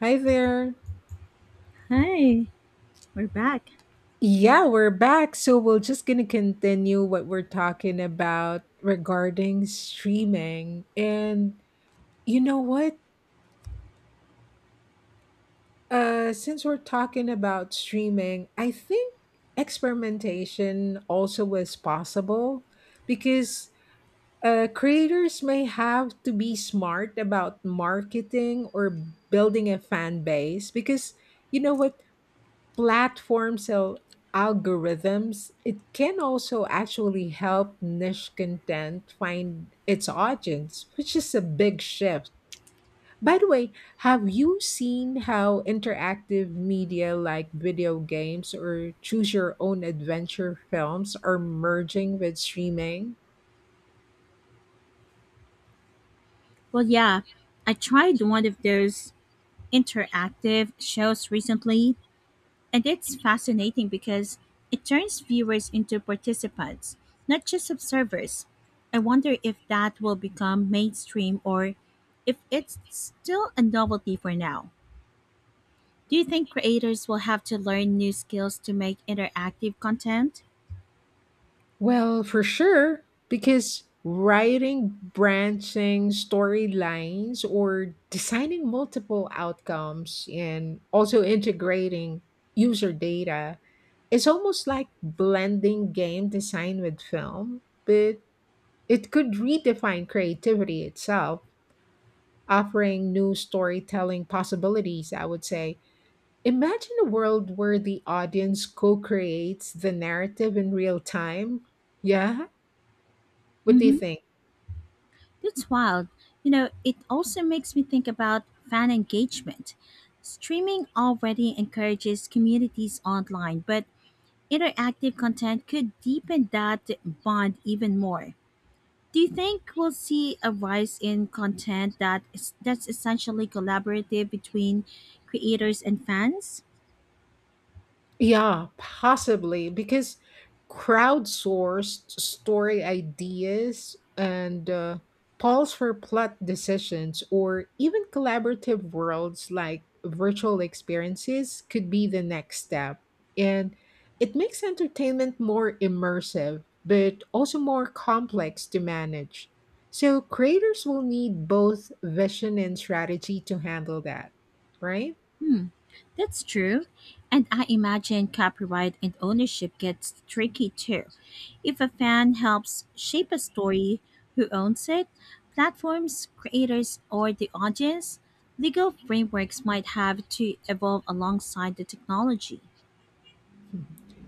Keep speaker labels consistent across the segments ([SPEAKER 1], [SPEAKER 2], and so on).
[SPEAKER 1] Hi there.
[SPEAKER 2] Hi, we're back.
[SPEAKER 1] Yeah, we're back. So we're just gonna continue what we're talking about regarding streaming. And you know what? Since we're talking about streaming, I think experimentation also is possible because creators may have to be smart about marketing or building a fan base because you know what, platforms or algorithms, it can also actually help niche content find its audience, which is a big shift. By the way, have you seen how interactive media like video games or choose your own adventure films are merging with streaming?
[SPEAKER 2] Well, yeah, I tried one of those interactive shows recently, and it's fascinating because it turns viewers into participants, not just observers. I wonder if that will become mainstream or if it's still a novelty for now. Do you think creators will have to learn new skills to make interactive content?
[SPEAKER 1] Well, for sure, because writing branching storylines or designing multiple outcomes and also integrating user data is almost like blending game design with film, but it could redefine creativity itself, offering new storytelling possibilities, I would say. Imagine a world where the audience co creates the narrative in real time. Yeah, what
[SPEAKER 2] Mm
[SPEAKER 1] do you
[SPEAKER 2] hmm.
[SPEAKER 1] think?
[SPEAKER 2] That's wild. You know, it also makes me think about fan engagement. Streaming already encourages communities online, but interactive content could deepen that bond even more. Do you think we'll see a rise in content that's essentially collaborative between creators and fans?
[SPEAKER 1] Yeah, possibly because crowdsourced story ideas and polls for plot decisions or even collaborative worlds like virtual experiences could be the next step. And it makes entertainment more immersive, but also more complex to manage. So creators will need both vision and strategy to handle that, right?
[SPEAKER 2] That's true. And I imagine copyright and ownership gets tricky too. If a fan helps shape a story, who owns it? Platforms, creators, or the audience? Legal frameworks might have to evolve alongside the technology.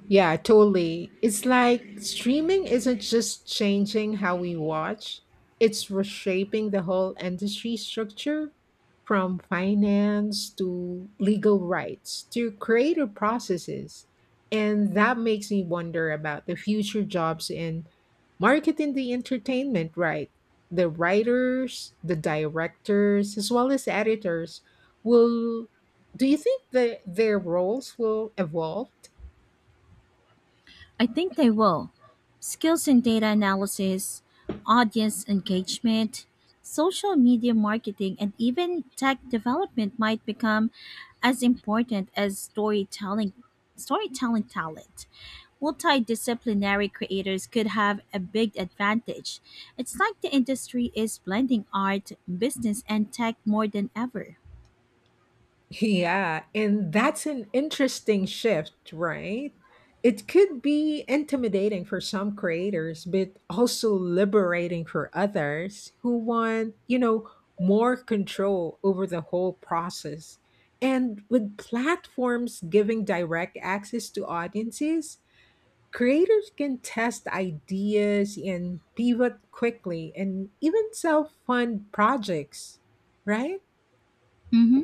[SPEAKER 1] Yeah, totally. It's like streaming isn't just changing how we watch, it's reshaping the whole industry structure from finance to legal rights to creative processes. And that makes me wonder about the future jobs in marketing the entertainment, right? The writers, the directors, as well as editors will. Do you think that their roles will evolve?
[SPEAKER 2] I think they will. Skills in data analysis, audience engagement, social media marketing, and even tech development might become as important as storytelling talent. Multidisciplinary creators could have a big advantage. It's like the industry is blending art, business, and tech more than ever.
[SPEAKER 1] Yeah, and that's an interesting shift, right? It could be intimidating for some creators, but also liberating for others who want, you know, more control over the whole process. And with platforms giving direct access to audiences, creators can test ideas and pivot quickly and even self fund projects, right?
[SPEAKER 2] Mm-hmm.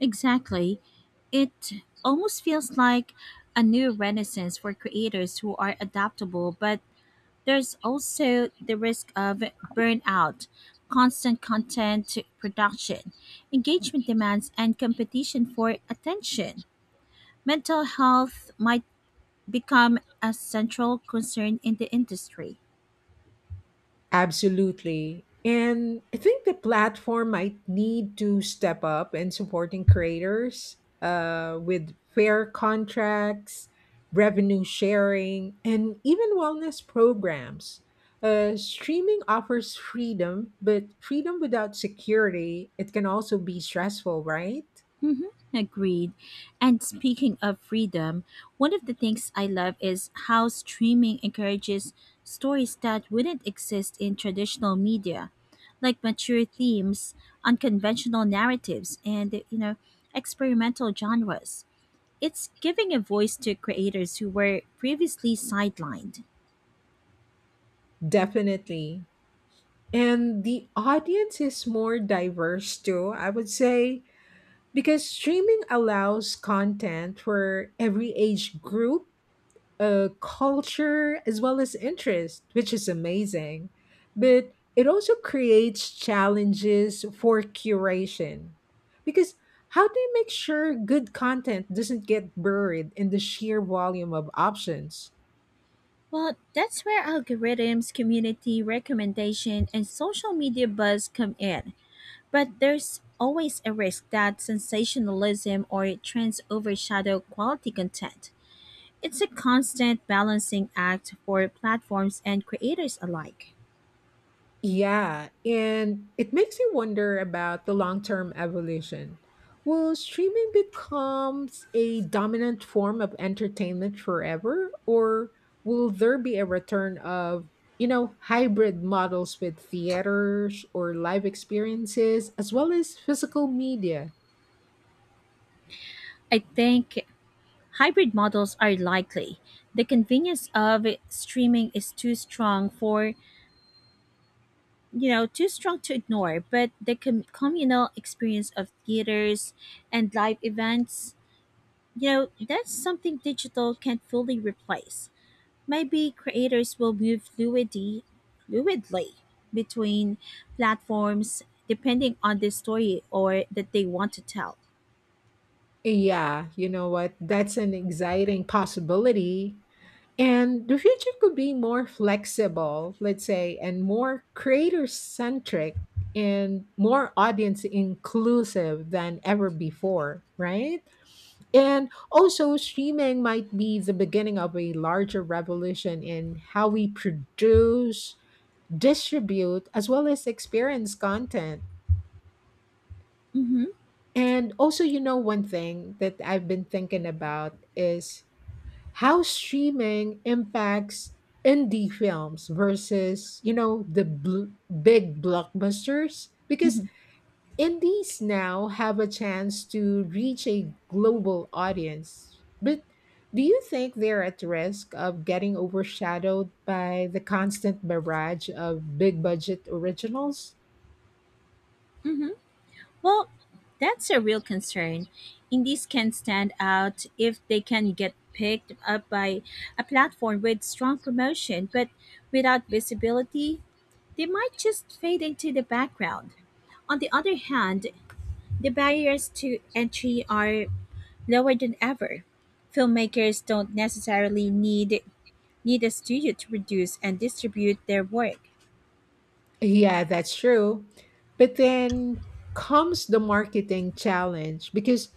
[SPEAKER 2] Exactly. It almost feels like a new renaissance for creators who are adaptable, but there's also the risk of burnout, constant content production, engagement demands, and competition for attention. Mental health might become a central concern in the industry.
[SPEAKER 1] Absolutely. And I think the platform might need to step up in supporting creators with fair contracts, revenue sharing, and even wellness programs. Streaming offers freedom, but freedom without security, it can also be stressful, right?
[SPEAKER 2] Hmm. Agreed. And speaking of freedom, one of the things I love is how streaming encourages stories that wouldn't exist in traditional media, like mature themes, unconventional narratives, and, you know, experimental genres. It's giving a voice to creators who were previously sidelined.
[SPEAKER 1] Definitely. And the audience is more diverse too, I would say. Because streaming allows content for every age group, culture, as well as interest, which is amazing. But it also creates challenges for curation. Because how do you make sure good content doesn't get buried in the sheer volume of options?
[SPEAKER 2] Well, that's where algorithms, community recommendation, and social media buzz come in. But there's always a risk that sensationalism or trends overshadow quality content. It's a constant balancing act for platforms and creators alike.
[SPEAKER 1] Yeah, and it makes you wonder about the long term evolution. Will streaming becomes a dominant form of entertainment forever, or will there be a return of, you know, hybrid models with theaters or live experiences as well as physical media?
[SPEAKER 2] I think hybrid models are likely. The convenience of streaming is too strong for, you know, too strong to ignore, but the communal experience of theaters and live events, you know, that's something digital can't fully replace. Maybe creators will move fluidly between platforms depending on the story or that they want to tell.
[SPEAKER 1] Yeah, you know what? That's an exciting possibility. And the future could be more flexible, let's say, and more creator centric and more audience inclusive than ever before, right? And also, streaming might be the beginning of a larger revolution in how we produce, distribute, as well as experience content.
[SPEAKER 2] Hmm.
[SPEAKER 1] And also, you know, one thing that I've been thinking about is how streaming impacts indie films versus, you know, big blockbusters, because
[SPEAKER 2] Hmm.
[SPEAKER 1] indies now have a chance to reach a global audience, but do you think they're at risk of getting overshadowed by the constant barrage of big budget originals?
[SPEAKER 2] Hmm. Well, that's a real concern. Indies can stand out if they can get picked up by a platform with strong promotion, but without visibility, they might just fade into the background. On the other hand, the barriers to entry are lower than ever. Filmmakers don't necessarily need a studio to produce and distribute their work.
[SPEAKER 1] Yeah, that's true. But then comes the marketing challenge, because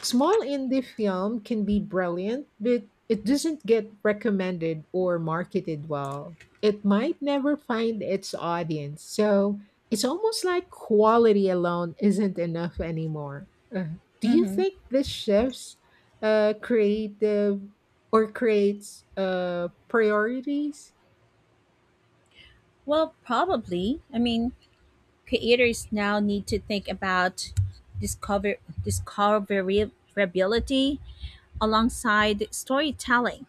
[SPEAKER 1] small indie film can be brilliant, but it doesn't get recommended or marketed well. It might never find its audience. So it's almost like quality alone isn't enough anymore. Do you
[SPEAKER 2] Hmm.
[SPEAKER 1] think this shifts creative or creates priorities?
[SPEAKER 2] Well, probably. I mean, creators now need to think about discover discoverability alongside storytelling.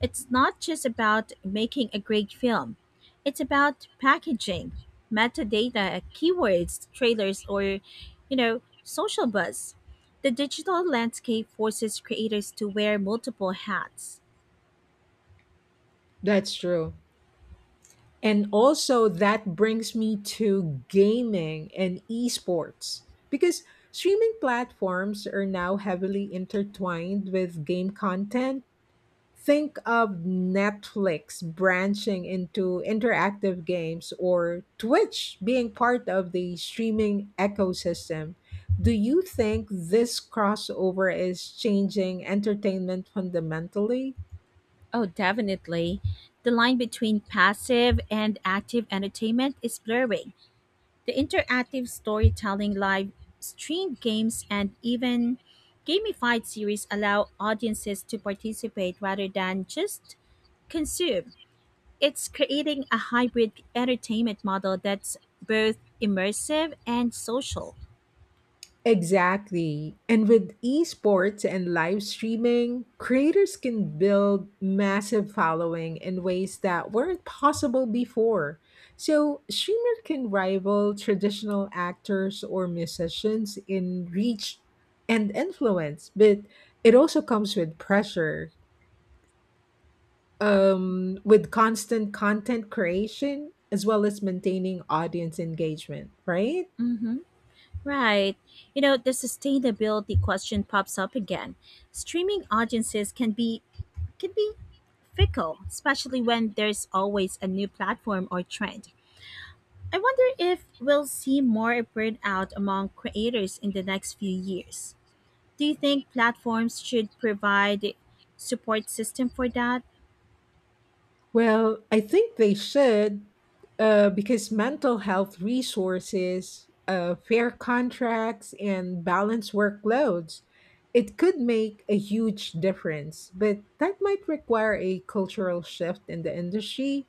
[SPEAKER 2] It's not just about making a great film, it's about packaging, metadata, keywords, trailers, or, you know, social buzz. The digital landscape forces creators to wear multiple hats.
[SPEAKER 1] That's true. And also that brings me to gaming and esports because streaming platforms are now heavily intertwined with game content. Think of Netflix branching into interactive games or Twitch being part of the streaming ecosystem. Do you think this crossover is changing entertainment fundamentally?
[SPEAKER 2] Oh, definitely. The line between passive and active entertainment is blurring. The interactive storytelling, live streamed games, and even gamified series allow audiences to participate rather than just consume. It's creating a hybrid entertainment model that's both immersive and social.
[SPEAKER 1] Exactly. And with esports and live streaming, creators can build massive following in ways that weren't possible before. So, streamers can rival traditional actors or musicians in reach and influence, but it also comes with pressure. With constant content creation as well as maintaining audience engagement, right?
[SPEAKER 2] Mm-hmm. Right. You know, the sustainability question pops up again. Streaming audiences can be fickle, especially when there's always a new platform or trend. I wonder if we'll see more burnout among creators in the next few years. Do you think platforms should provide support system for that?
[SPEAKER 1] Well, I think they should, because mental health resources, fair contracts, and balanced workloads, it could make a huge difference. But that might require a cultural shift in the industry,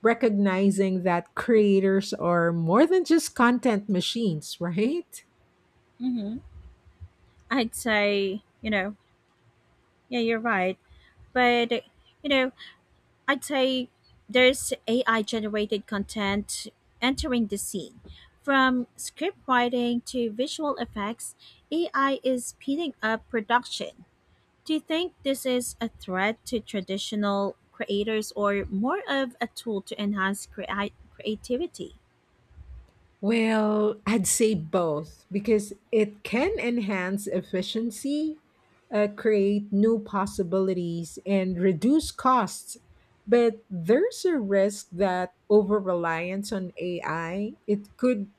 [SPEAKER 1] recognizing that creators are more than just content machines, right?
[SPEAKER 2] Hmm. I'd say, you know, yeah, you're right. But, you know, I'd say there's AI generated content entering the scene. From script writing to visual effects, AI is speeding up production. Do you think this is a threat to traditional creators or more of a tool to enhance creativity?
[SPEAKER 1] Well, I'd say both, because it can enhance efficiency, create new possibilities, and reduce costs. But there's a risk that over reliance on AI, it could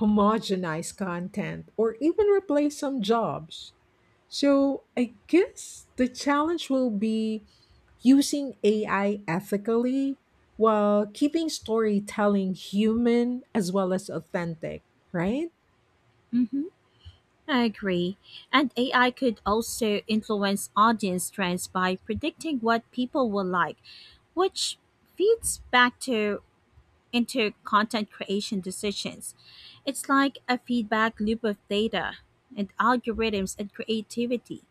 [SPEAKER 1] homogenize content or even replace some jobs. So I guess the challenge will be using AI ethically while keeping storytelling human as well as authentic, right?
[SPEAKER 2] Hmm. I agree. And AI could also influence audience trends by predicting what people will like, which feeds back to into content creation decisions. It's like a feedback loop of data and algorithms and creativity,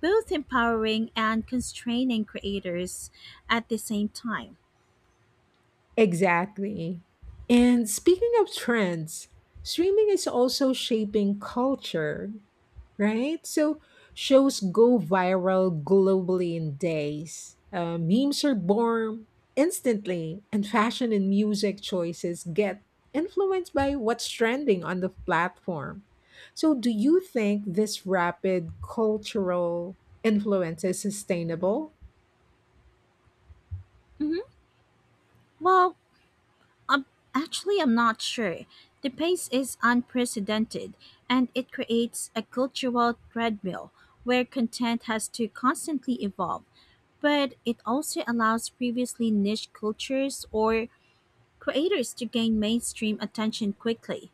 [SPEAKER 2] both empowering and constraining creators at the same time.
[SPEAKER 1] Exactly. And speaking of trends, streaming is also shaping culture, right? So shows go viral globally in days. Memes are born instantly, and fashion and music choices get influenced by what's trending on the platform. So, do you think this rapid cultural influence is sustainable?
[SPEAKER 2] Hmm. Well, um, actually, I'm not sure. The pace is unprecedented, and it creates a cultural treadmill where content has to constantly evolve. But it also allows previously niche cultures or creators to gain mainstream attention quickly.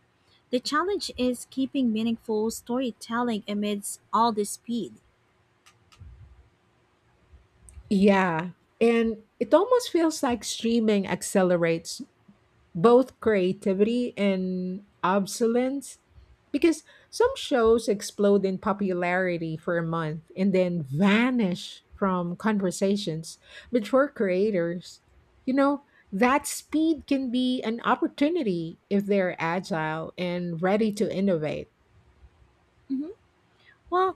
[SPEAKER 2] The challenge is keeping meaningful storytelling amidst all this speed.
[SPEAKER 1] Yeah. And it almost feels like streaming accelerates both creativity and obsolescence because some shows explode in popularity for a month and then vanish from conversations. But for creators, you know, that speed can be an opportunity if they're agile and ready to innovate.
[SPEAKER 2] Mhm. Well,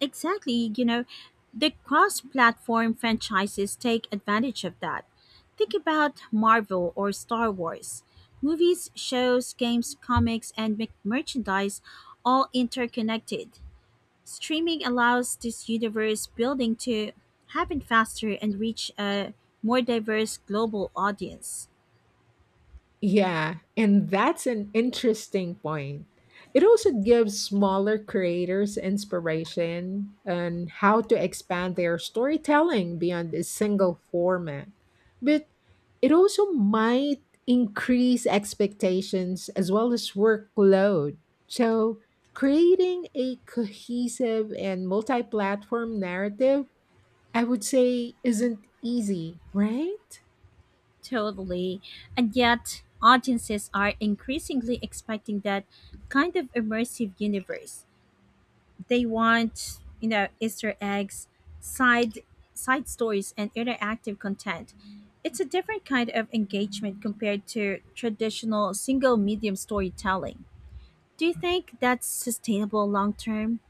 [SPEAKER 2] exactly, you know, the cross platform franchises take advantage of that. Think about Marvel or Star Wars. Movies, shows, games, comics, and merchandise all interconnected. Streaming allows this universe building to happen faster and reach a more diverse global audience.
[SPEAKER 1] Yeah, and that's an interesting point. It also gives smaller creators inspiration on how to expand their storytelling beyond a single format. But it also might increase expectations as well as workload. So, creating a cohesive and multi platform narrative, I would say, isn't easy, right?
[SPEAKER 2] Totally. And yet, audiences are increasingly expecting that kind of immersive universe. They want, you know, easter eggs, side side stories, and interactive content. It's a different kind of engagement compared to traditional single medium storytelling. Do you think that's sustainable long term?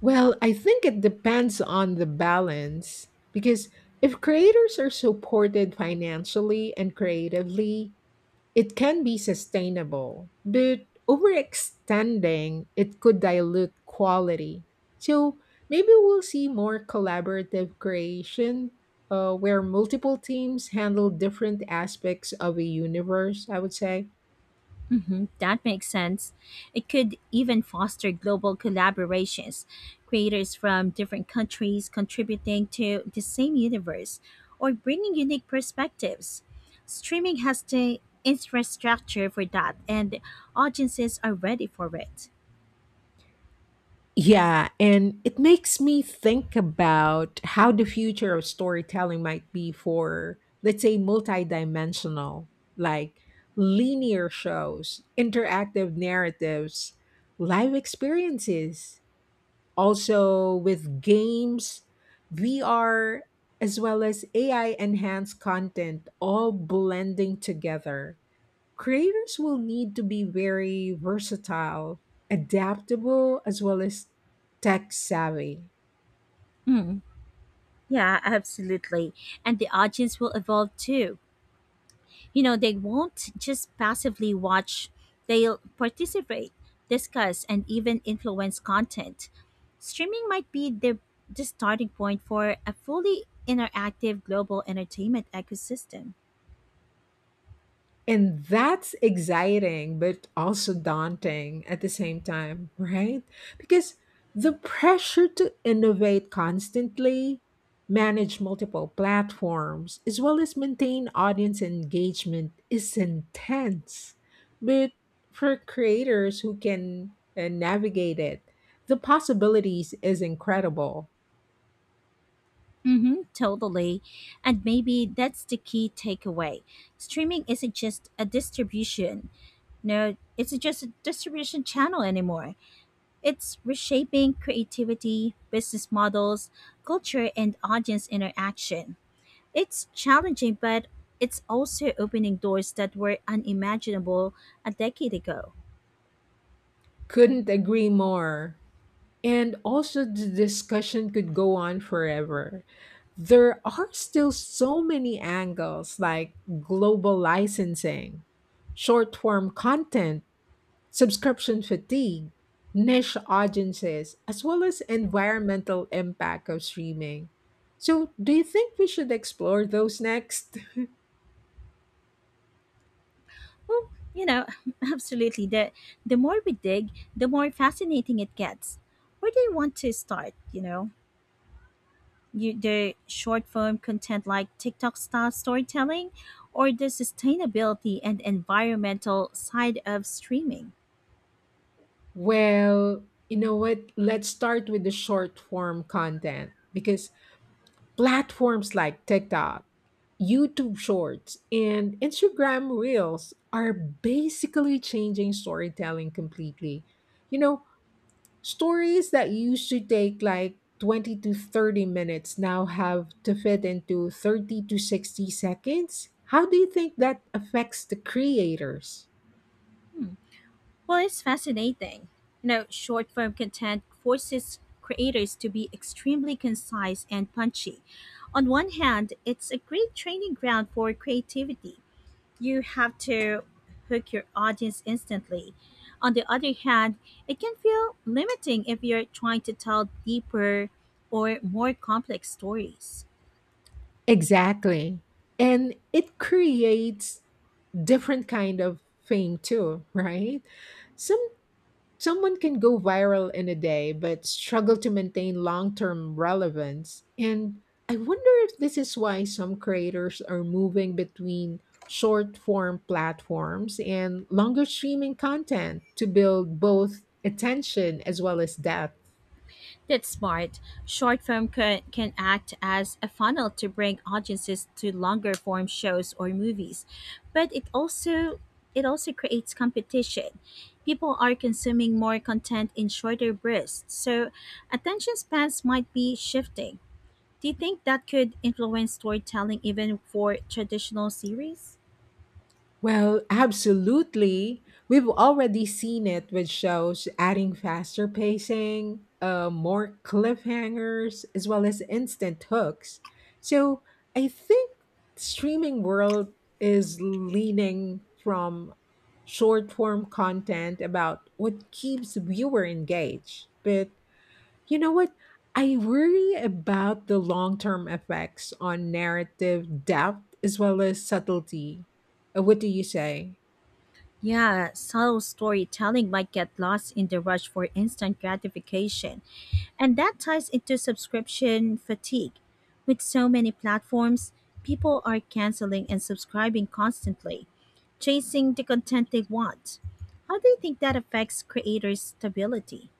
[SPEAKER 1] Well, I think it depends on the balance, because if creators are supported financially and creatively, it can be sustainable. But overextending, it could dilute quality. So maybe we'll see more collaborative creation, where multiple teams handle different aspects of a universe, I would say.
[SPEAKER 2] Mhm, that makes sense. It could even foster global collaborations, creators from different countries contributing to the same universe or bringing unique perspectives. Streaming has the infrastructure for that, and audiences are ready for it.
[SPEAKER 1] Yeah, and it makes me think about how the future of storytelling might be, for, let's say, multidimensional, like linear shows, interactive narratives, live experiences, also with games, VR, as well as AI enhanced content, all blending together. Creators will need to be very versatile, adaptable, as well as tech savvy.
[SPEAKER 2] Mm, yeah, absolutely. And the audience will evolve too. You know, they won't just passively watch, they'll participate, discuss, and even influence content. Streaming might be the starting point for a fully interactive global entertainment ecosystem.
[SPEAKER 1] And that's exciting, but also daunting at the same time, right? Because the pressure to innovate constantly, manage multiple platforms, as well as maintain audience engagement is intense. But for creators who can navigate it, the possibilities is incredible.
[SPEAKER 2] Mm-hmm, totally. And maybe that's the key takeaway. Streaming isn't just a distribution no it's just a distribution channel anymore. It's reshaping creativity, business models, culture, and audience interaction. It's challenging, but it's also opening doors that were unimaginable a decade ago.
[SPEAKER 1] Couldn't agree more. And also, the discussion could go on forever. There are still so many angles like global licensing, short form content, subscription fatigue, niche audiences, as well as environmental impact of streaming. So, do you think we should explore those next?
[SPEAKER 2] Well, you know, absolutely. The more we dig, the more fascinating it gets. Where do you want to start? You know, you, the short form content like TikTok style storytelling, or the sustainability and environmental side of streaming.
[SPEAKER 1] Well, you know what? Let's start with the short form content, because platforms like TikTok, YouTube Shorts, and Instagram Reels are basically changing storytelling completely. You know, stories that used to take like 20 to 30 minutes now have to fit into 30 to 60 seconds. How do you think that affects the creators?
[SPEAKER 2] Hmm. Well, it's fascinating. You know, short form content forces creators to be extremely concise and punchy. On one hand, it's a great training ground for creativity. You have to hook your audience instantly. On the other hand, it can feel limiting if you're trying to tell deeper or more complex stories.
[SPEAKER 1] Exactly. And it creates different kind of fame too, right? Some Someone can go viral in a day but struggle to maintain long term relevance. And I wonder if this is why some creators are moving between short form platforms and longer streaming content to build both attention as well as depth.
[SPEAKER 2] That's smart. Short film can act as a funnel to bring audiences to longer form shows or movies, but it also creates competition. People are consuming more content in shorter bursts, so attention spans might be shifting. Do you think that could influence storytelling even for traditional series?
[SPEAKER 1] Well, absolutely. We've already seen it with shows adding faster pacing, more cliffhangers, as well as instant hooks. So I think streaming world is leaning from short form content about what keeps viewer engaged. But you know what? I worry about the long term effects on narrative depth as well as subtlety. What do you say?
[SPEAKER 2] Yeah, subtle storytelling might get lost in the rush for instant gratification. And that ties into subscription fatigue. With so many platforms, people are canceling and subscribing constantly, chasing the content they want. How do you think that affects creators' stability?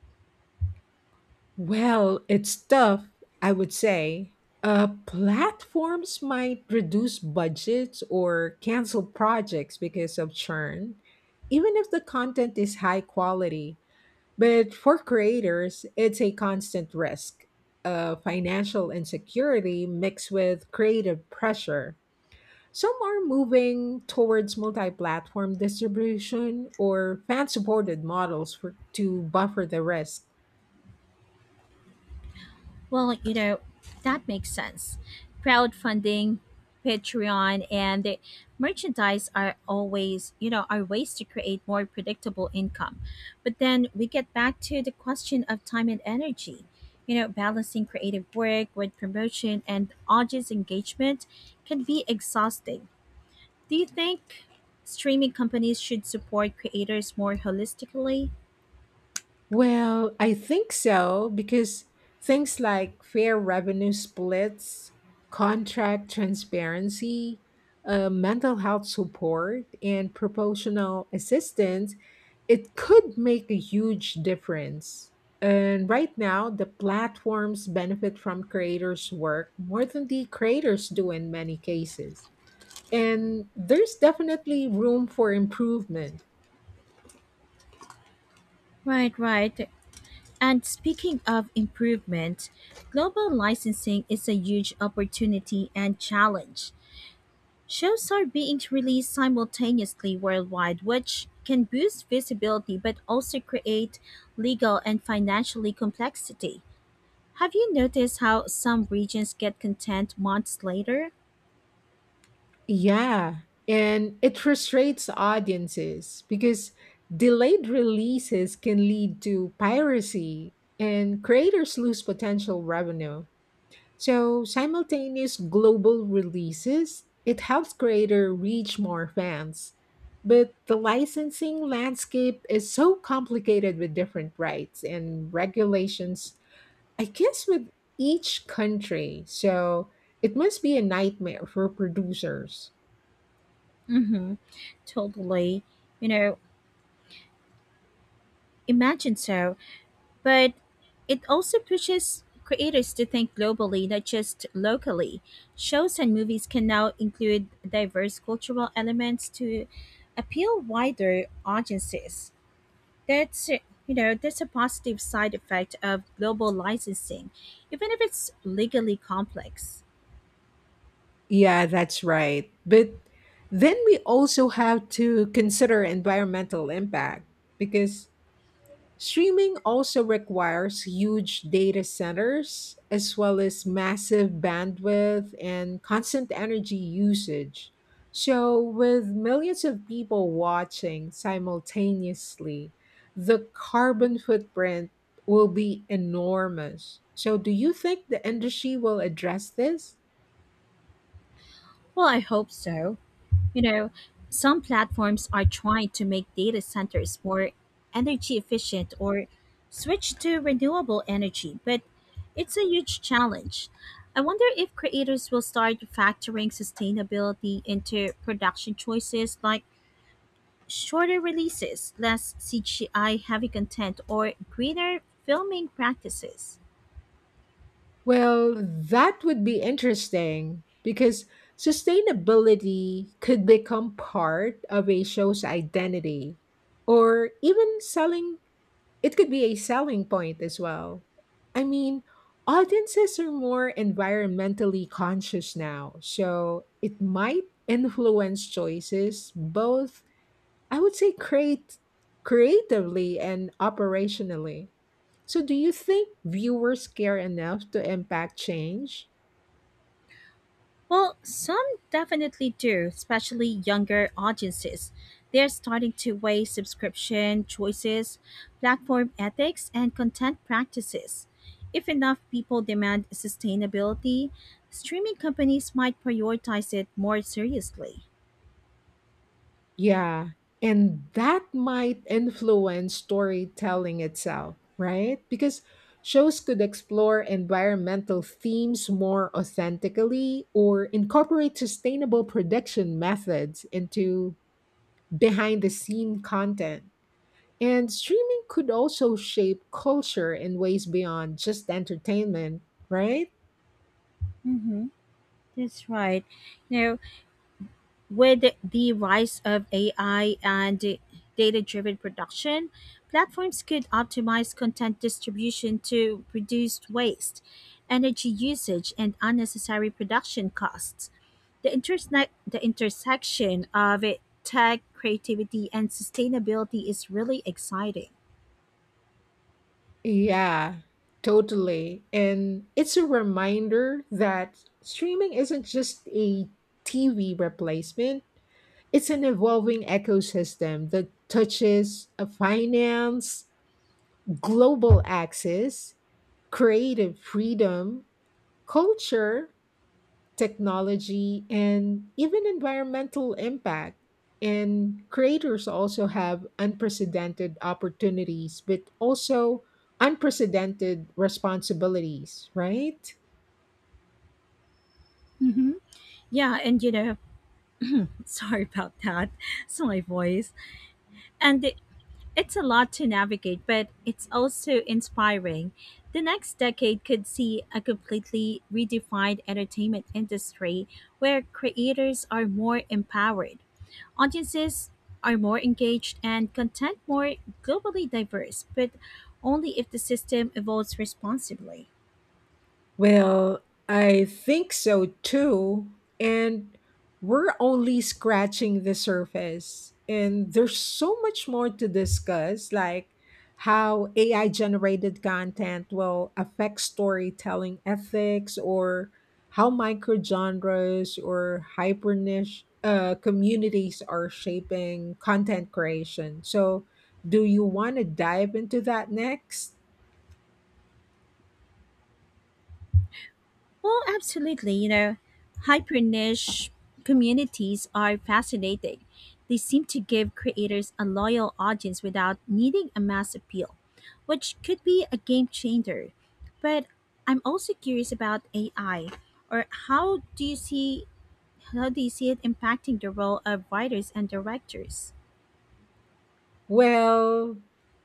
[SPEAKER 1] Well, it's tough, I would say. Platforms might reduce budgets or cancel projects because of churn, even if the content is high quality. But for creators, it's a constant risk. Financial insecurity mixed with creative pressure. Some are moving towards multi platform distribution or fan supported models for, to buffer the risk.
[SPEAKER 2] Well, you know, that makes sense. Crowdfunding, Patreon, and the merchandise are always, you know, are ways to create more predictable income. But then we get back to the question of time and energy. You know, balancing creative work with promotion and audience engagement can be exhausting. Do you think streaming companies should support creators more holistically?
[SPEAKER 1] Well, I think so, because things like fair revenue splits, contract transparency, mental health support, and proportional assistance, it could make a huge difference. And right now, the platforms benefit from creators' work more than the creators do in many cases. And there's definitely room for improvement.
[SPEAKER 2] Right. And speaking of improvement, global licensing is a huge opportunity and challenge. Shows are being released simultaneously worldwide, which can boost visibility but also create legal and financially complexity. Have you noticed how some regions get content months later?
[SPEAKER 1] Yeah, and it frustrates audiences because delayed releases can lead to piracy and creators lose potential revenue. So, simultaneous global releases, it helps creator reach more fans. But the licensing landscape is so complicated with different rights and regulations, I guess with each country. So, it must be a nightmare for producers.
[SPEAKER 2] Mm-hmm. Totally. You know, imagine so. But it also pushes creators to think globally, not just locally. Shows and movies can now include diverse cultural elements to appeal wider audiences. That's a positive side effect of global licensing, even if it's legally complex.
[SPEAKER 1] Yeah, that's right. But then we also have to consider environmental impact, because streaming also requires huge data centers as well as massive bandwidth and constant energy usage. So, with millions of people watching simultaneously, the carbon footprint will be enormous. So, do you think the industry will address this?
[SPEAKER 2] Well, I hope so. You know, some platforms are trying to make data centers more energy efficient or switch to renewable energy, but it's a huge challenge. I wonder if creators will start factoring sustainability into production choices like shorter releases, less CGI heavy content, or greener filming practices.
[SPEAKER 1] Well, that would be interesting because sustainability could become part of a show's identity or even selling, it could be a selling point as well. I mean, audiences are more environmentally conscious now, so it might influence choices both, I would say, create creatively and operationally. So, do you think viewers care enough to impact change?
[SPEAKER 2] Well, some definitely do, especially younger audiences. They're starting to weigh subscription choices, platform ethics, and content practices. If enough people demand sustainability, streaming companies might prioritize it more seriously.
[SPEAKER 1] Yeah, and that might influence storytelling itself, right? Because shows could explore environmental themes more authentically or incorporate sustainable production methods into behind the scene content. And streaming could also shape culture in ways beyond just entertainment, right?
[SPEAKER 2] Mm-hmm. That's right. You know, with the rise of AI and data driven production, platforms could optimize content distribution to reduce waste, energy usage, and unnecessary production costs. The intersection of it, tech, creativity, and sustainability is really exciting.
[SPEAKER 1] Yeah, totally. And it's a reminder that streaming isn't just a TV replacement, it's an evolving ecosystem that touches a finance, global access, creative freedom, culture, technology, and even environmental impact. And creators also have unprecedented opportunities, but also unprecedented responsibilities, right?
[SPEAKER 2] Hmm. Yeah, and you know, sorry about that. It's my voice. And it's a lot to navigate, but it's also inspiring. The next decade could see a completely redefined entertainment industry where creators are more empowered, audiences are more engaged, and content more globally diverse, but only if the system evolves responsibly.
[SPEAKER 1] Well, I think so too. And we're only scratching the surface. And there's so much more to discuss, like how AI generated content will affect storytelling ethics or how microgenres or hyper niche communities are shaping content creation. So, do you want to dive into that next?
[SPEAKER 2] Well, absolutely. You know, hyper niche communities are fascinating. They seem to give creators a loyal audience without needing a mass appeal, which could be a game changer. But I'm also curious about AI, or how do you see it impacting the role of writers and directors?
[SPEAKER 1] Well,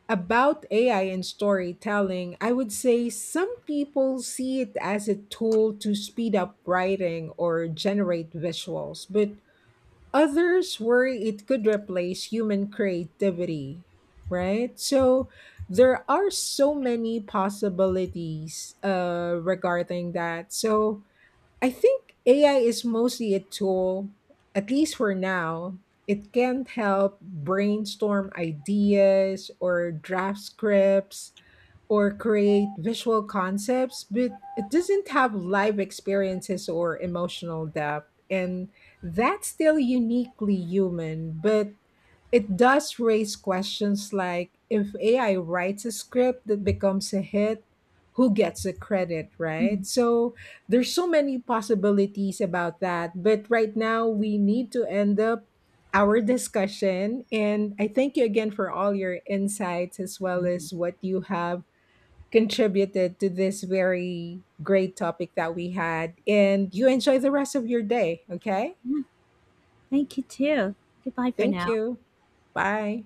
[SPEAKER 1] about AI and storytelling, I would say some people see it as a tool to speed up writing or generate visuals, but others worry it could replace human creativity, right? So there are so many possibilities regarding that. So I think AI is mostly a tool, at least for now. It can help brainstorm ideas or draft scripts, or create visual concepts, but it doesn't have live experiences or emotional depth. And that's still uniquely human, but it does raise questions like if AI writes a script that becomes a hit, who gets the credit, right?
[SPEAKER 2] Mhm.
[SPEAKER 1] So there's so many possibilities about that. But right now, we need to end up our discussion. And I thank you again for all your insights as well as what you have contributed to this very great topic that we had. And you enjoy the rest of your day, okay?
[SPEAKER 2] Thank you too. Goodbye for
[SPEAKER 1] Thank
[SPEAKER 2] now.
[SPEAKER 1] you. Bye.